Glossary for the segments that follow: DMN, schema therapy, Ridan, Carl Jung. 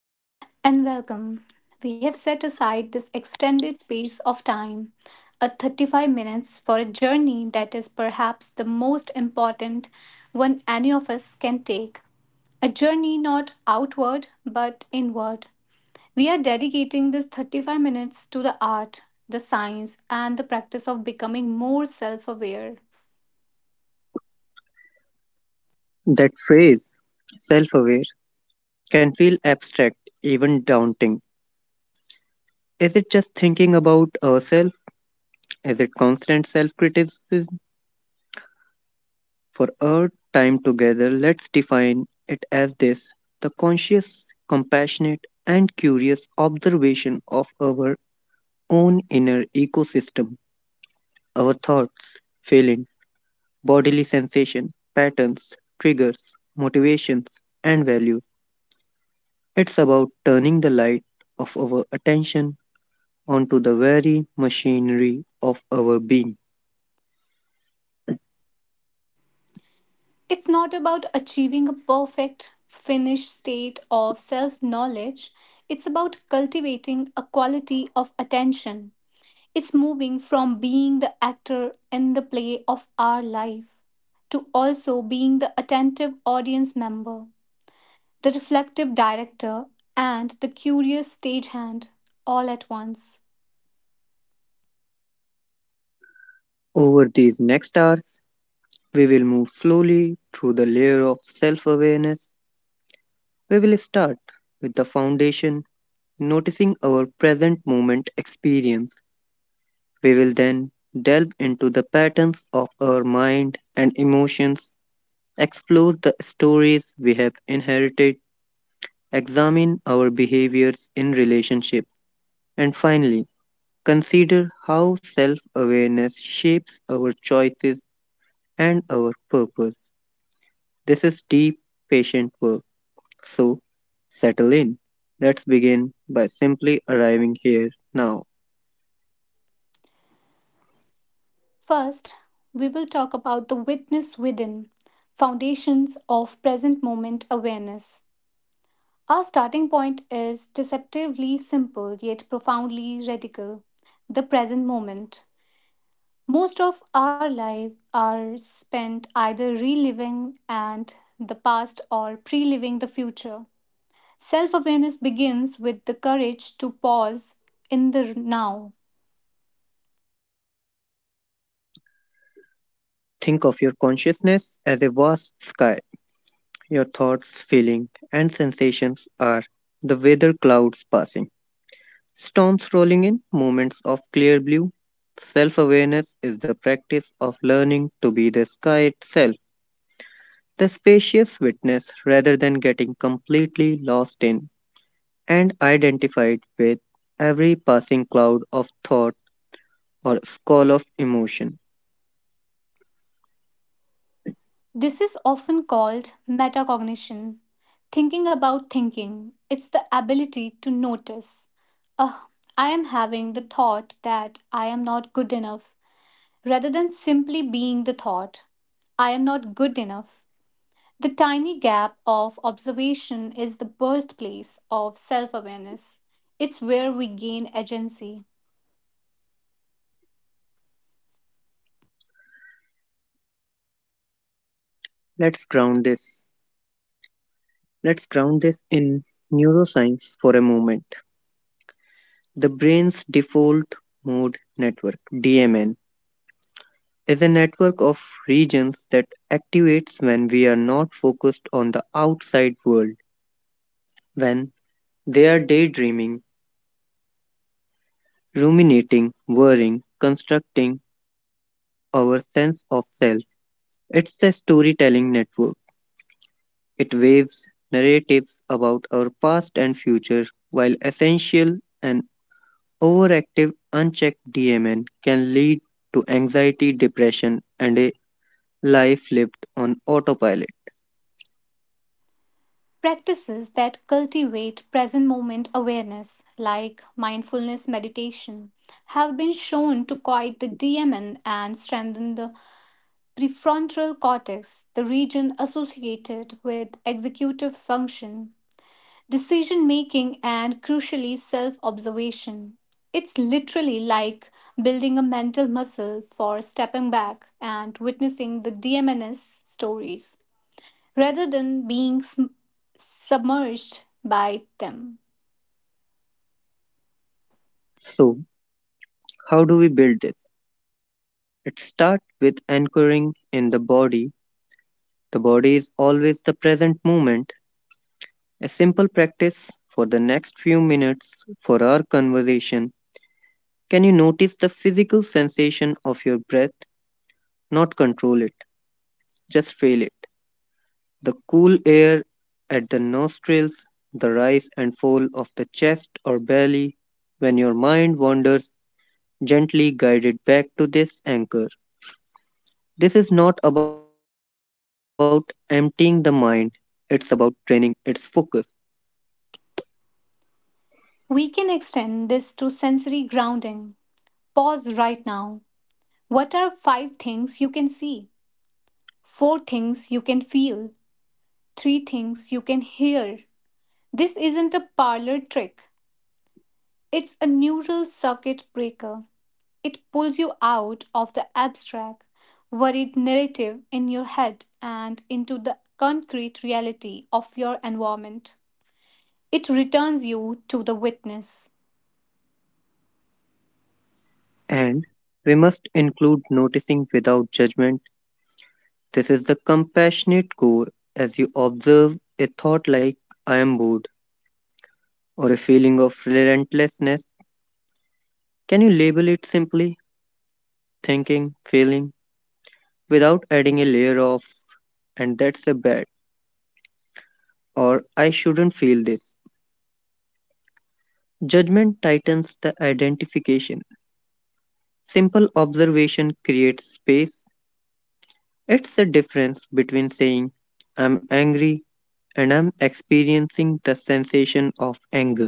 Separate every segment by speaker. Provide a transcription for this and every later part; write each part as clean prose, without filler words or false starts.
Speaker 1: Hello and welcome. We have set aside this extended space of time, a 35 minutes, for a journey that is perhaps the most important one any of us can take. A journey not outward but inward. We are dedicating this 35 minutes to the art, the science, and the practice of becoming more self aware.
Speaker 2: That phrase, self aware, can feel abstract, even daunting. Is it just thinking about ourselves? Is it constant self criticism? For our time together, let's define it as this: the conscious, compassionate, and curious observation of our own inner ecosystem, our thoughts, feelings, bodily sensation, patterns, triggers, motivations, and values. It's about turning the light of our attention onto the very machinery of our being.
Speaker 1: It's not about achieving a perfect, finished state of self knowledge. It's about cultivating a quality of attention. It's moving from being the actor in the play of our life to also being the attentive audience member, the reflective director, and the curious stagehand all at once.
Speaker 2: Over these next hours, we will move slowly through the layer of self awareness. We will start with the foundation, noticing our present moment experience. We will then delve into the patterns of our mind and emotions, explore the stories we have inherited, examine our behaviors in relationship, and finally, consider how self awareness shapes our choices and our purpose. This is deep, patient work. So, settle in. Let's begin by simply arriving here now.
Speaker 1: First, we will talk about the witness within, foundations of present moment awareness. Our starting point is deceptively simple yet profoundly radical: the present moment. Most of our lives are spent either reliving and the past or pre-living the future. Self-awareness begins with the courage to pause in the now.
Speaker 2: Think of your consciousness as a vast sky. Your thoughts, feelings, and sensations are the weather: clouds passing, storms rolling in, moments of clear blue. Self awareness is the practice of learning to be the sky itself, the spacious witness, rather than getting completely lost in and identified with every passing cloud of thought or squall of emotion.
Speaker 1: This is often called metacognition, thinking about thinking. It's the ability to notice. Ah, I am having the thought that I am not good enough, rather than simply being the thought, I am not good enough. The tiny gap of observation is the birthplace of self awareness. It's where we gain agency.
Speaker 2: Let's ground this. Let's ground this in neuroscience for a moment. The brain's default mode network, DMN, is a network of regions that activates when we are not focused on the outside world, when they are daydreaming, ruminating, worrying, constructing our sense of self. It's a storytelling network. It waves narratives about our past and future, while essential and overactive unchecked DMN can lead to anxiety, depression, and a life lived on autopilot.
Speaker 1: Practices that cultivate present moment awareness, like mindfulness meditation, have been shown to quiet the DMN and strengthen the prefrontal cortex, the region associated with executive function, decision making, and crucially, self observation. It's literally like building a mental muscle for stepping back and witnessing the DMN's stories rather than being submerged by them.
Speaker 2: So, how do we build this? It starts with anchoring in the body. The body is always the present moment. A simple practice for the next few minutes, for our conversation. Can you notice the physical sensation of your breath? Not control it, just feel it. The cool air at the nostrils, the rise and fall of the chest or belly. When your mind wanders, gently guide it back to this anchor. This is not about emptying the mind, it's about training its focus.
Speaker 1: We can extend this to sensory grounding. Pause right now. What are five things you can see? Four things you can feel? Three things you can hear? This isn't a parlor trick. It's a neural circuit breaker. It pulls you out of the abstract, worried narrative in your head and into the concrete reality of your environment. It returns you to the witness.
Speaker 2: And we must include noticing without judgment. This is the compassionate core: as you observe a thought like I am bored or a feeling of relentlessness, can you label it simply thinking, feeling, without adding a layer of and that's a bad or I shouldn't feel this? Judgment tightens the identification. Simple observation creates space. It's the difference between saying, I'm angry, and I'm experiencing the sensation of anger.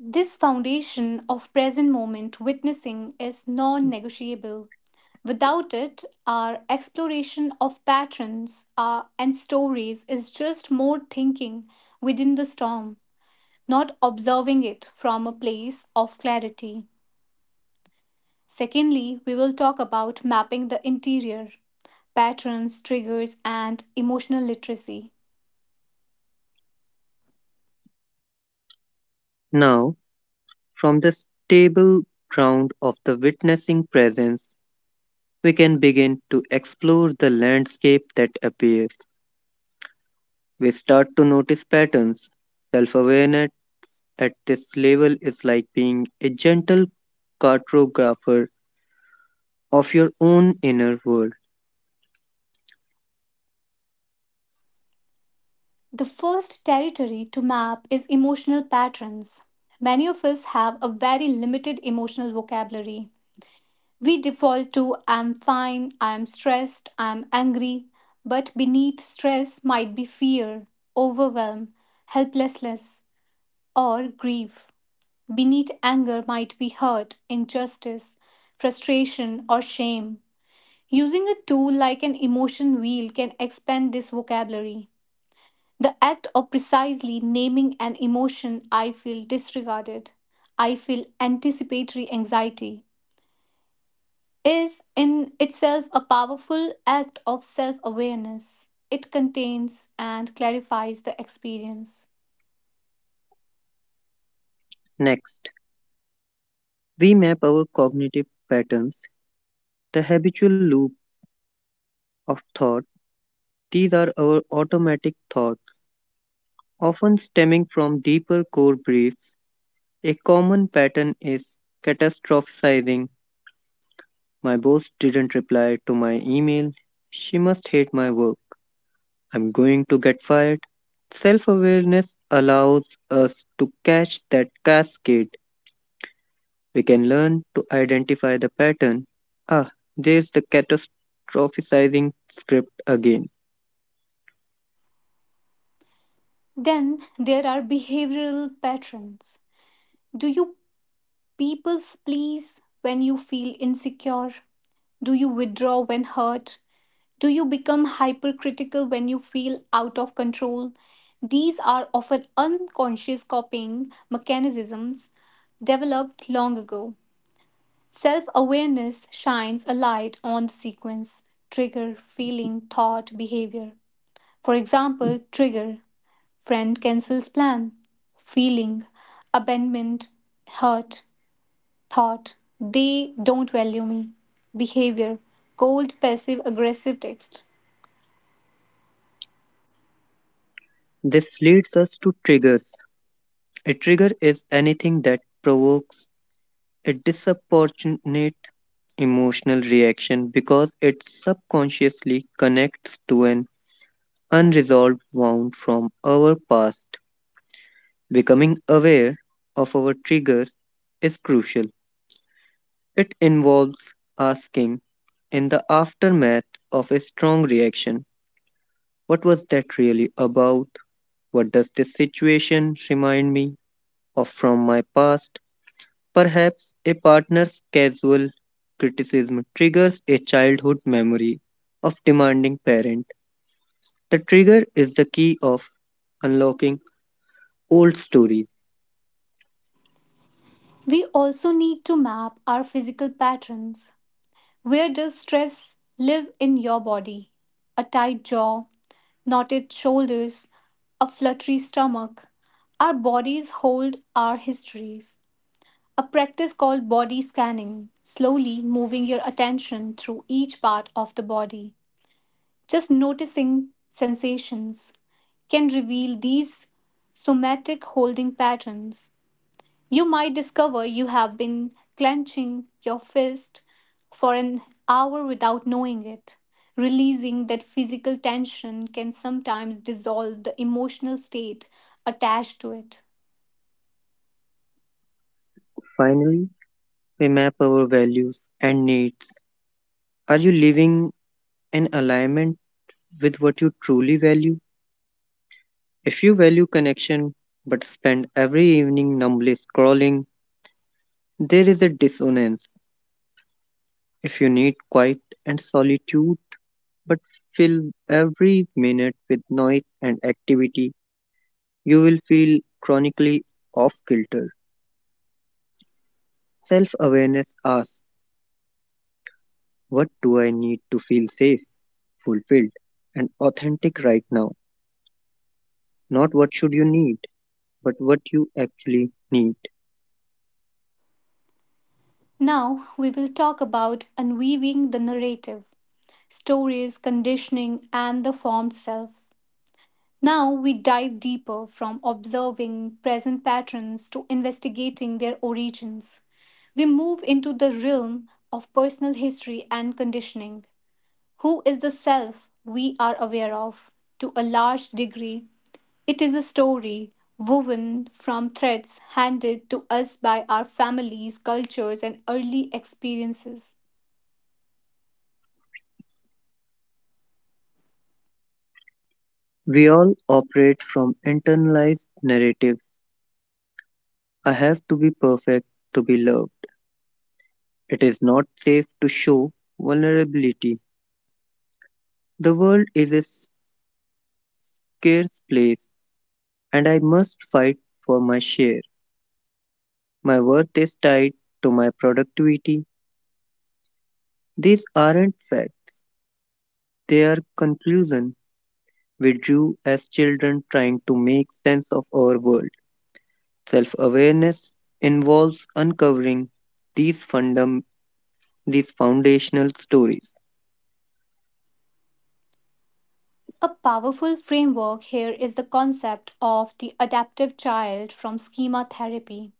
Speaker 1: This foundation of present moment witnessing is non negotiable. Without it, our exploration of patterns and stories is just more thinking within the storm, not observing it from a place of clarity. Secondly, we will talk about mapping the interior, patterns, triggers, and emotional literacy.
Speaker 2: Now, from the stable ground of the witnessing presence, we can begin to explore the landscape that appears. We start to notice patterns. Self awareness at this level is like being a gentle cartographer of your own inner world.
Speaker 1: The first territory to map is emotional patterns. Many of us have a very limited emotional vocabulary. We default to I'm fine, I'm stressed, I'm angry, but beneath stress might be fear, overwhelm, helplessness, or grief. Beneath anger might be hurt, injustice, frustration, or shame. Using a tool like an emotion wheel can expand this vocabulary. The act of precisely naming an emotion, I feel disregarded, I feel anticipatory anxiety, is in itself a powerful act of self awareness. It contains and clarifies the experience.
Speaker 2: Next, we map our cognitive patterns, the habitual loop of thought. These are our automatic thoughts, often stemming from deeper core beliefs. A common pattern is catastrophizing. My boss didn't reply to my email. She must hate my work. I'm going to get fired. Self awareness allows us to catch that cascade. We can learn to identify the pattern. Ah, there's the catastrophizing script again.
Speaker 1: Then there are behavioral patterns. Do you people please when you feel insecure? Do you withdraw when hurt? Do you become hypercritical when you feel out of control? These are often unconscious coping mechanisms developed long ago. Self awareness shines a light on the sequence: trigger, feeling, thought, behavior. For example, trigger, friend cancels plan; feeling, abandonment, hurt; thought, they don't value me; behavior, cold, passive aggressive text.
Speaker 2: This leads us to triggers. A trigger is anything that provokes a disproportionate emotional reaction because it subconsciously connects to an unresolved wound from our past. Becoming aware of our triggers is crucial. It involves asking, in the aftermath of a strong reaction, what was that really about? What does this situation remind me of from my past? Perhaps a partner's casual criticism triggers a childhood memory of demanding parent. The trigger is the key of unlocking old stories.
Speaker 1: We also need to map our physical patterns. Where does stress live in your body? A tight jaw, knotted shoulders, a fluttery stomach. Our bodies hold our histories. A practice called body scanning, slowly moving your attention through each part of the body, just noticing sensations, can reveal these somatic holding patterns. You might discover you have been clenching your fist for an hour without knowing it. Releasing that physical tension can sometimes dissolve the emotional state attached to it.
Speaker 2: Finally, we map our values and needs. Are you living in alignment with what you truly value? If you value connection but spend every evening numbly scrolling, there is a dissonance. If you need quiet and solitude, but fill every minute with noise and activity, you will feel chronically off kilter. Self awareness asks, what do I need to feel safe, fulfilled, and authentic right now? Not what should you need, but what you actually need.
Speaker 1: Now, we will talk about unweaving the narrative, stories, conditioning, and the formed self. Now we dive deeper from observing present patterns to investigating their origins. We move into the realm of personal history and conditioning. Who is the self we are aware of? To a large degree, it is a story woven from threads handed to us by our families, cultures, and early experiences.
Speaker 2: We all operate from internalized narratives: I have to be perfect to be loved. It is not safe to show vulnerability. The world is a scarce place and I must fight for my share. My worth is tied to my productivity. These aren't facts, they are conclusions we drew as children trying to make sense of our world. Self awareness involves uncovering these, fundam- these foundational stories.
Speaker 1: A powerful framework here is the concept of the adaptive child from schema therapy.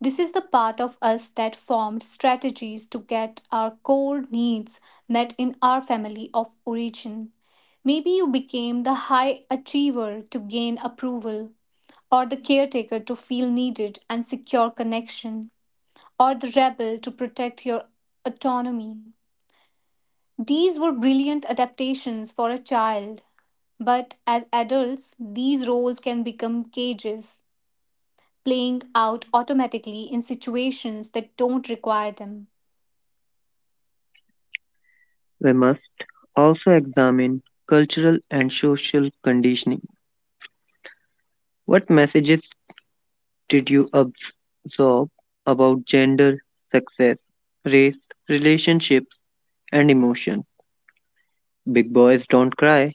Speaker 1: This is the part of us that formed strategies to get our core needs met in our family of origin. Maybe you became the high achiever to gain approval, or the caretaker to feel needed and secure connection, or the rebel to protect your autonomy. These were brilliant adaptations for a child, but as adults, these roles can become cages, playing out automatically in situations that don't require them.
Speaker 2: We must also examine cultural and social conditioning. What messages did you absorb about gender, success, race, relationships, and emotion? Big boys don't cry.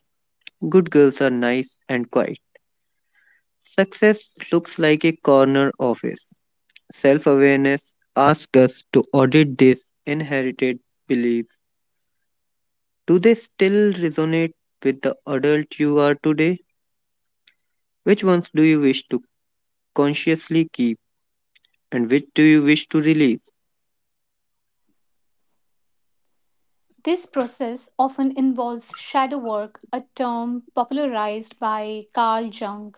Speaker 2: Good girls are nice and quiet. Success looks like a corner office. Self awareness asks us to audit these inherited beliefs. Do they still resonate with the adult you are today? Which ones do you wish to consciously keep and which do you wish to release?
Speaker 1: This process often involves shadow work, a term popularized by Carl Jung.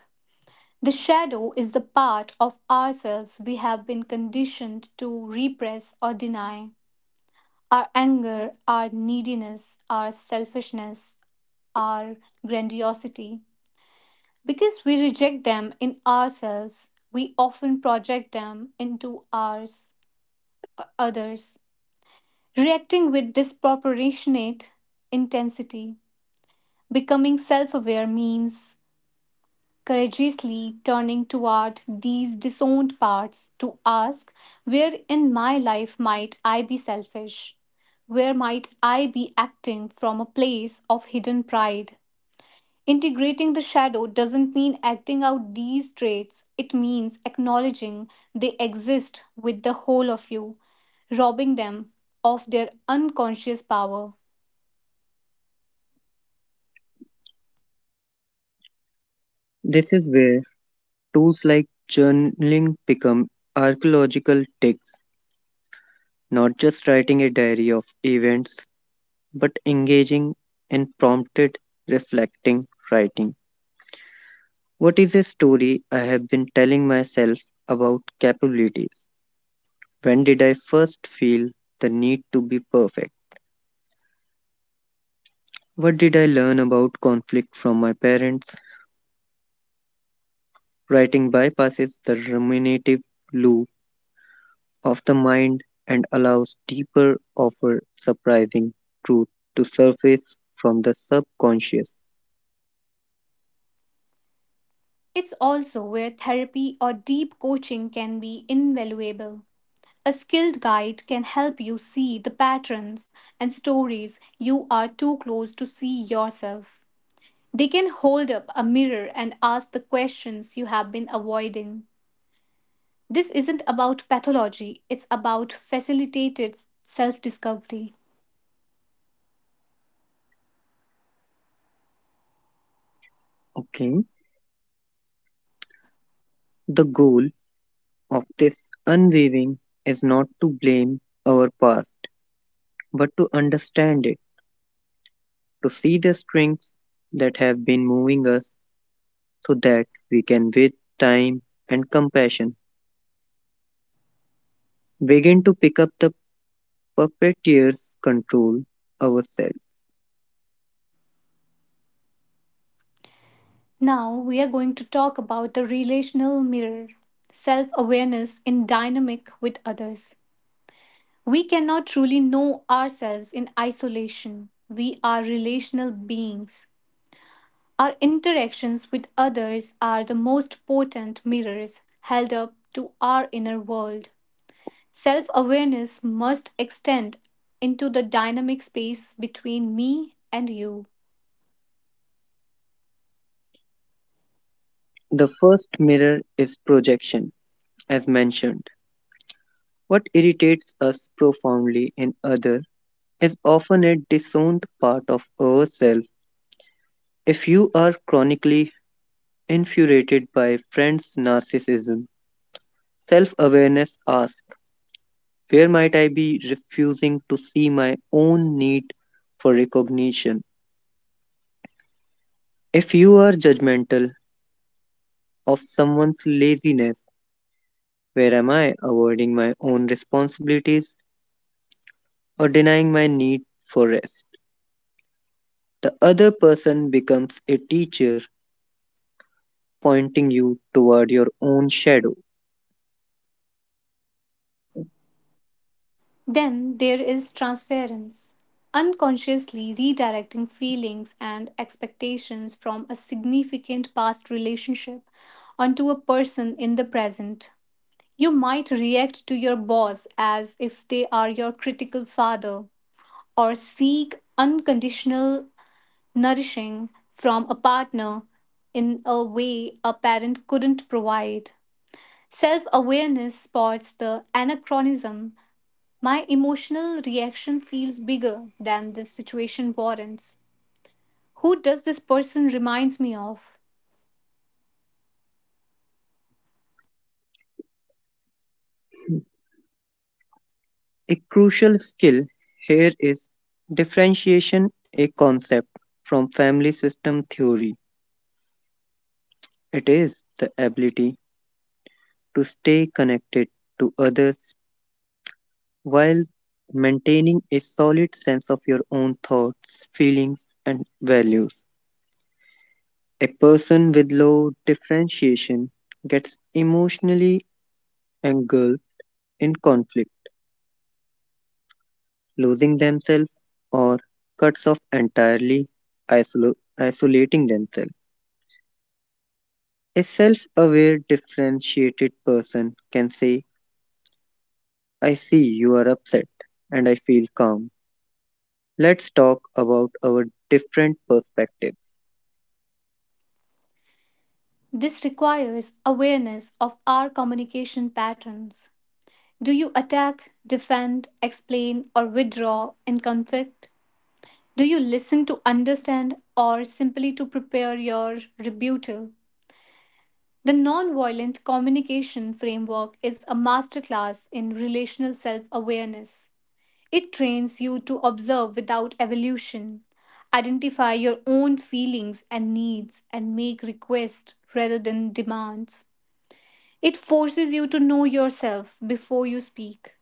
Speaker 1: The shadow is the part of ourselves we have been conditioned to repress or deny. Our anger, our neediness, our selfishness, our grandiosity. Because we reject them in ourselves, we often project them into ours, others, reacting with disproportionate intensity. Becoming self aware means courageously turning toward these disowned parts to ask, where in my life might I be selfish? Where might I be acting from a place of hidden pride? Integrating the shadow doesn't mean acting out these traits, it means acknowledging they exist with the whole of you, robbing them of their unconscious power.
Speaker 2: This is where tools like journaling become archaeological digs, not just writing a diary of events, but engaging and prompted, reflecting, writing. What is a story I have been telling myself about capabilities? When did I first feel the need to be perfect? What did I learn about conflict from my parents? Writing bypasses the ruminative loop of the mind and allows deeper, often surprising truth to surface from the subconscious.
Speaker 1: It's also where therapy or deep coaching can be invaluable. A skilled guide can help you see the patterns and stories you are too close to see yourself. They can hold up a mirror and ask the questions you have been avoiding. This isn't about pathology, it's about facilitated self discovery.
Speaker 2: Okay. The goal of this unwavering is not to blame our past, but to understand it, to see the strengths that have been moving us, so that we can, with time and compassion, begin to pick up the puppeteer's control ourselves.
Speaker 1: Now we are going to talk about the relational mirror, self awareness in dynamic with others. We cannot truly know ourselves in isolation. We are relational beings. Our interactions with others are the most potent mirrors held up to our inner world. Self awareness must extend into the dynamic space between me and you.
Speaker 2: The first mirror is projection, as mentioned. What irritates us profoundly in others is often a disowned part of ourselves. If you are chronically infuriated by friends' narcissism, self awareness asks, where might I be refusing to see my own need for recognition? If you are judgmental of someone's laziness, where am I avoiding my own responsibilities or denying my need for rest? The other person becomes a teacher, pointing you toward your own shadow.
Speaker 1: Then there is transference, unconsciously redirecting feelings and expectations from a significant past relationship onto a person in the present. You might react to your boss as if they are your critical father, or seek unconditional nourishing from a partner in a way a parent couldn't provide. Self awareness spots the anachronism. My emotional reaction feels bigger than this situation warrants. Who does this person reminds me of?
Speaker 2: A crucial skill here is differentiation, a concept from family system theory. It is the ability to stay connected to others while maintaining a solid sense of your own thoughts, feelings, and values. A person with low differentiation gets emotionally engulfed in conflict, losing themselves, or cuts off entirely, isolating themselves. A self aware, differentiated person can say, I see you are upset and I feel calm. Let's talk about our different perspectives.
Speaker 1: This requires awareness of our communication patterns. Do you attack, defend, explain, or withdraw in conflict? Do you listen to understand or simply to prepare your rebuttal? The nonviolent communication framework is a masterclass in relational self awareness. It trains you to observe without evolution, identify your own feelings and needs, and make requests rather than demands. It forces you to know yourself before you speak.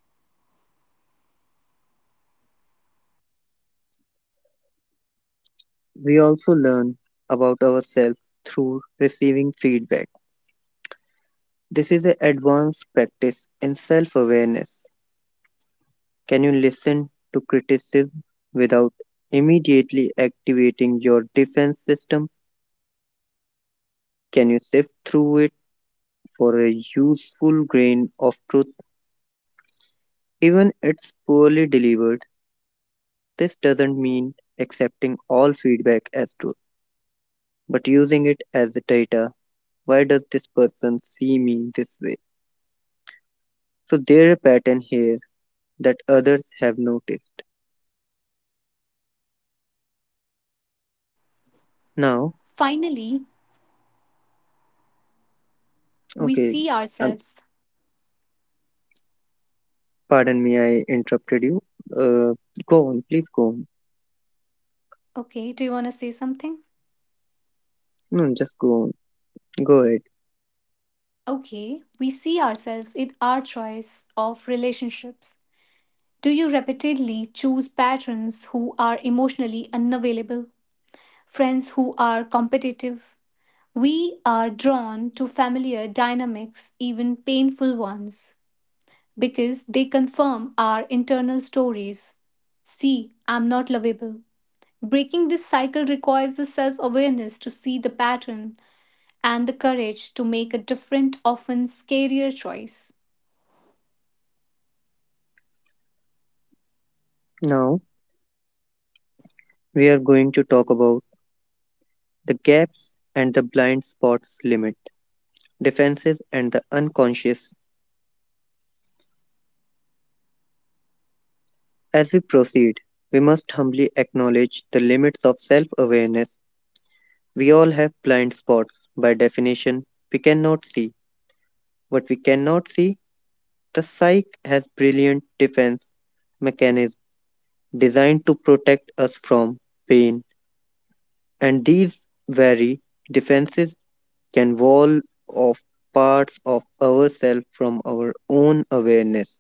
Speaker 2: We also learn about ourselves through receiving feedback. This is an advanced practice in self awareness. Can you listen to criticism without immediately activating your defense system? Can you sift through it for a useful grain of truth? Even it's poorly delivered, this doesn't mean accepting all feedback as truth, but using it as the data. Why does this person see me this way? So there's a pattern here that others have noticed. Now,
Speaker 1: Finally, we
Speaker 2: okay,
Speaker 1: see
Speaker 2: um,
Speaker 1: ourselves.
Speaker 2: pardon me, I interrupted you. Uh, Go on, please go on.
Speaker 1: Okay, do you want to say something?
Speaker 2: No, just go on. Go ahead.
Speaker 1: Okay, we see ourselves in our choice of relationships. Do you repeatedly choose patrons who are emotionally unavailable, friends who are competitive? We are drawn to familiar dynamics, even painful ones, because they confirm our internal stories. See, I'm not lovable. Breaking this cycle requires the self awareness to see the pattern and the courage to make a different, often scarier choice.
Speaker 2: Now, we are going to talk about the gaps and the blind spots limit, defenses, and the unconscious. As we proceed, we must humbly acknowledge the limits of self awareness. We all have blind spots. By definition, we cannot see. What we cannot see, the psyche has brilliant defense mechanisms designed to protect us from pain, and these vary defenses can wall off parts of ourselves from our own awareness.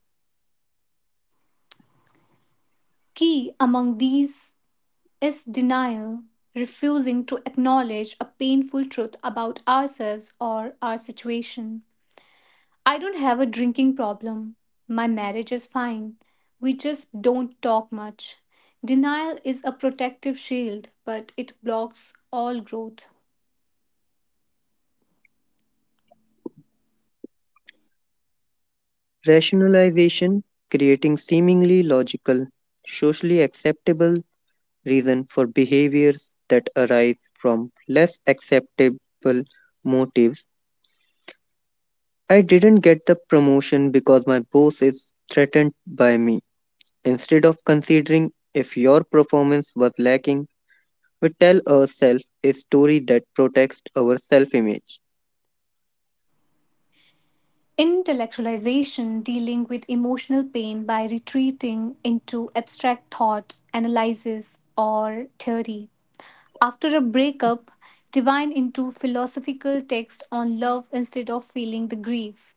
Speaker 1: Key among these is denial, refusing to acknowledge a painful truth about ourselves or our situation. I don't have a drinking problem. My marriage is fine. We just don't talk much. Denial is a protective shield, but it blocks all growth.
Speaker 2: Rationalization, creating seemingly logical, socially acceptable reason for behaviors that arise from less acceptable motives. I didn't get the promotion because my boss is threatened by me. Instead of considering if your performance was lacking, we tell ourselves a story that protects our self image.
Speaker 1: Intellectualization, dealing with emotional pain by retreating into abstract thought, analysis, or theory. After a breakup, divine into philosophical text on love instead of feeling the grief.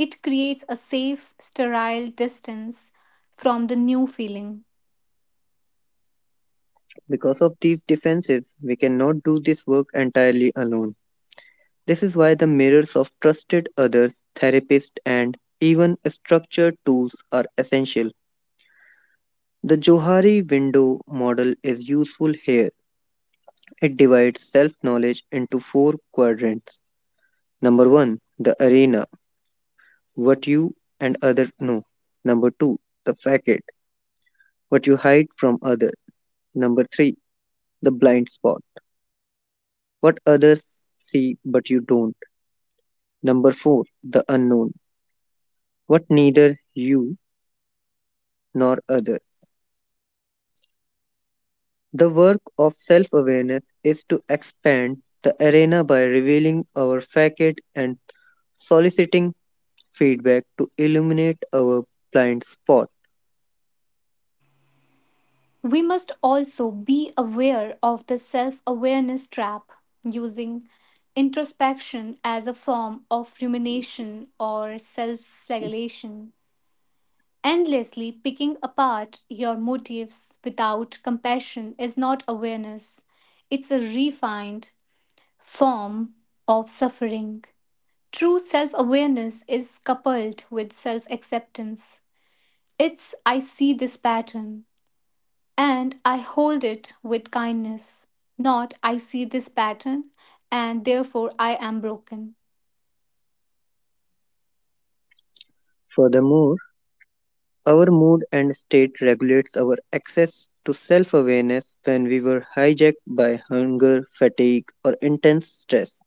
Speaker 1: It creates a safe, sterile distance from the new feeling.
Speaker 2: Because of these defenses, we cannot do this work entirely alone. This is why the mirrors of trusted others, therapists, and even structured tools are essential. The Johari window model is useful here. It divides self knowledge into four quadrants. Number one, the arena, what you and others know. Number two, the facade, what you hide from others. Number three, the blind spot, what others see but you don't. Number four, the unknown, what neither you nor other. The work of self awareness is to expand the arena by revealing our facade and soliciting feedback to illuminate our blind spot.
Speaker 1: We must also be aware of the self awareness trap, using introspection as a form of rumination or self flagellation. Endlessly picking apart your motives without compassion is not awareness, it's a refined form of suffering. True self awareness is coupled with self acceptance. It's, I see this pattern and I hold it with kindness. Not, I see this pattern and therefore I am broken.
Speaker 2: Furthermore, our mood and state regulates our access to self awareness. When we were hijacked by hunger, fatigue, or intense stress,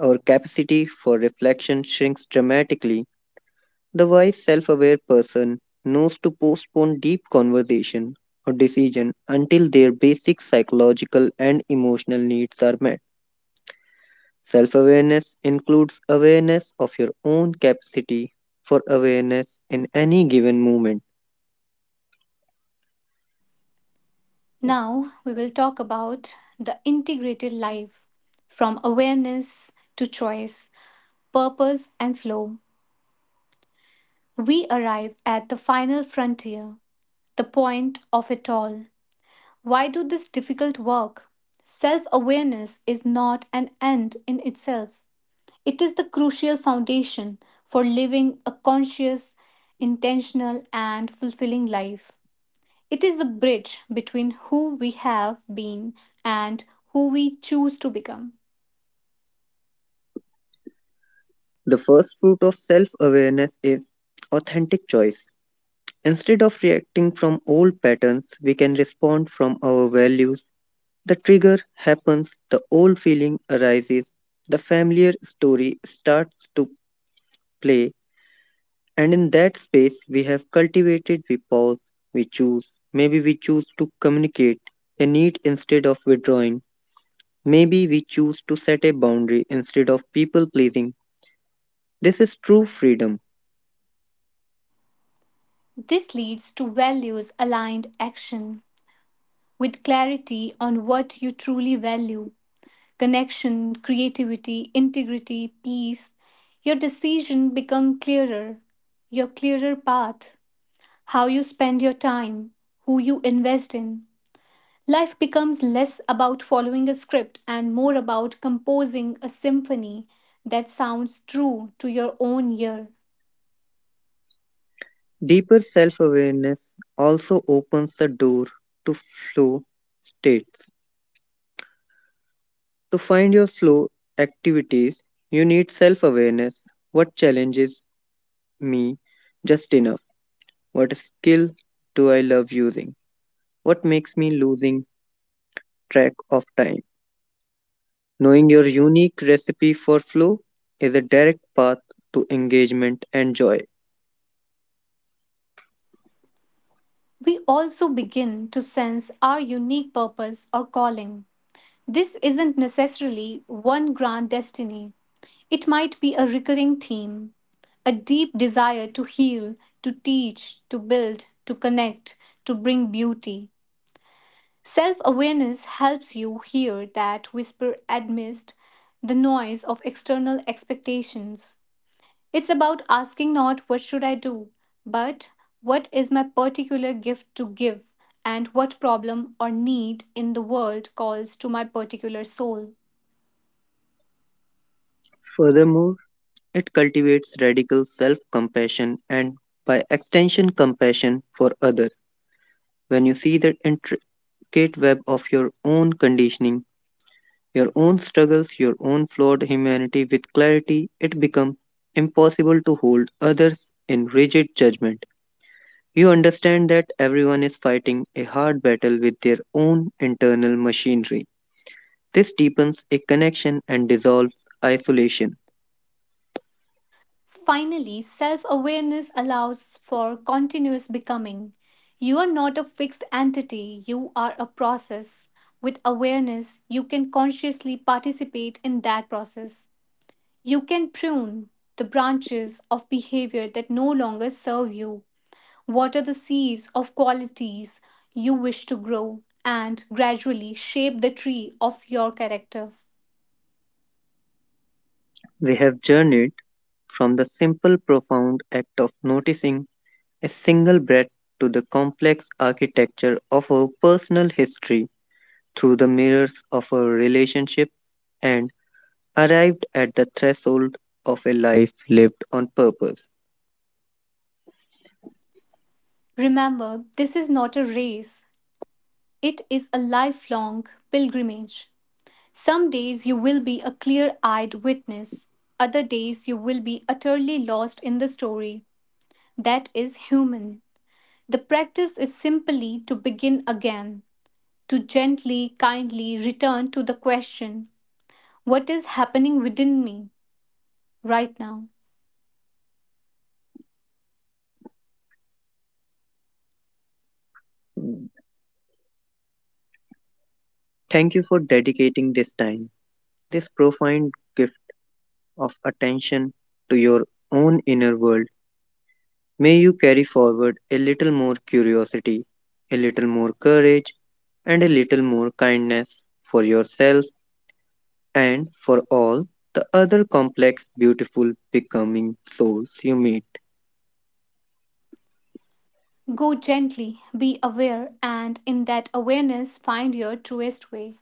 Speaker 2: our capacity for reflection shrinks dramatically. The wise, self aware person knows to postpone deep conversation or decision until their basic psychological and emotional needs are met. Self awareness includes awareness of your own capacity for awareness in any given moment.
Speaker 1: Now we will talk about the integrated life, from awareness to choice, purpose, and flow. We arrive at the final frontier, the point of it all. Why do this difficult work? Self awareness is not an end in itself. It is the crucial foundation for living a conscious, intentional, and fulfilling life. It is the bridge between who we have been and who we choose to become.
Speaker 2: The first fruit of self awareness is authentic choice. Instead of reacting from old patterns, we can respond from our values. The trigger happens, the old feeling arises, the familiar story starts to play, and in that space we have cultivated, we pause, we choose. Maybe we choose to communicate a need instead of withdrawing. Maybe we choose to set a boundary instead of people pleasing. This is true freedom.
Speaker 1: This leads to values aligned action. With clarity on what you truly value, connection, creativity, integrity, peace, your decision become clearer, your clearer path, how you spend your time, who you invest in. Life becomes less about following a script and more about composing a symphony that sounds true to your own ear.
Speaker 2: Deeper self awareness also opens the door to flow states. To find your flow activities, you need self awareness. What challenges me just enough? What skill do I love using? What makes me losing track of time? Knowing your unique recipe for flow is a direct path to engagement and joy.
Speaker 1: We also begin to sense our unique purpose or calling. This isn't necessarily one grand destiny, it might be a recurring theme, a deep desire to heal, to teach, to build, to connect, to bring beauty. Self awareness helps you hear that whisper amidst the noise of external expectations. It's about asking not what should I do, but what is my particular gift to give and what problem or need in the world calls to my particular soul.
Speaker 2: Furthermore, it cultivates radical self compassion and, by extension, compassion for others. When you see that intricate web of your own conditioning, your own struggles, your own flawed humanity with clarity, it becomes impossible to hold others in rigid judgment. You understand that everyone is fighting a hard battle with their own internal machinery. This deepens a connection and dissolves isolation.
Speaker 1: Finally, self awareness allows for continuous becoming. You are not a fixed entity, you are a process. With awareness, you can consciously participate in that process. You can prune the branches of behavior that no longer serve you, water the seeds of qualities you wish to grow, and gradually shape the tree of your character.
Speaker 2: We have journeyed from the simple, profound act of noticing a single breath to the complex architecture of our personal history, through the mirrors of our relationship, and arrived at the threshold of a life lived on purpose.
Speaker 1: Remember, this is not a race. It is a lifelong pilgrimage. Some days you will be a clear eyed witness, other days you will be utterly lost in the story. That is human. The practice is simply to begin again, to gently, kindly return to the question, what is happening within me right now?
Speaker 2: Mm. Thank you for dedicating this time, this profound gift of attention to your own inner world. May you carry forward a little more curiosity, a little more courage, and a little more kindness for yourself and for all the other complex, beautiful becoming souls you meet.
Speaker 1: Go gently, be aware, and in that awareness, find your truest way.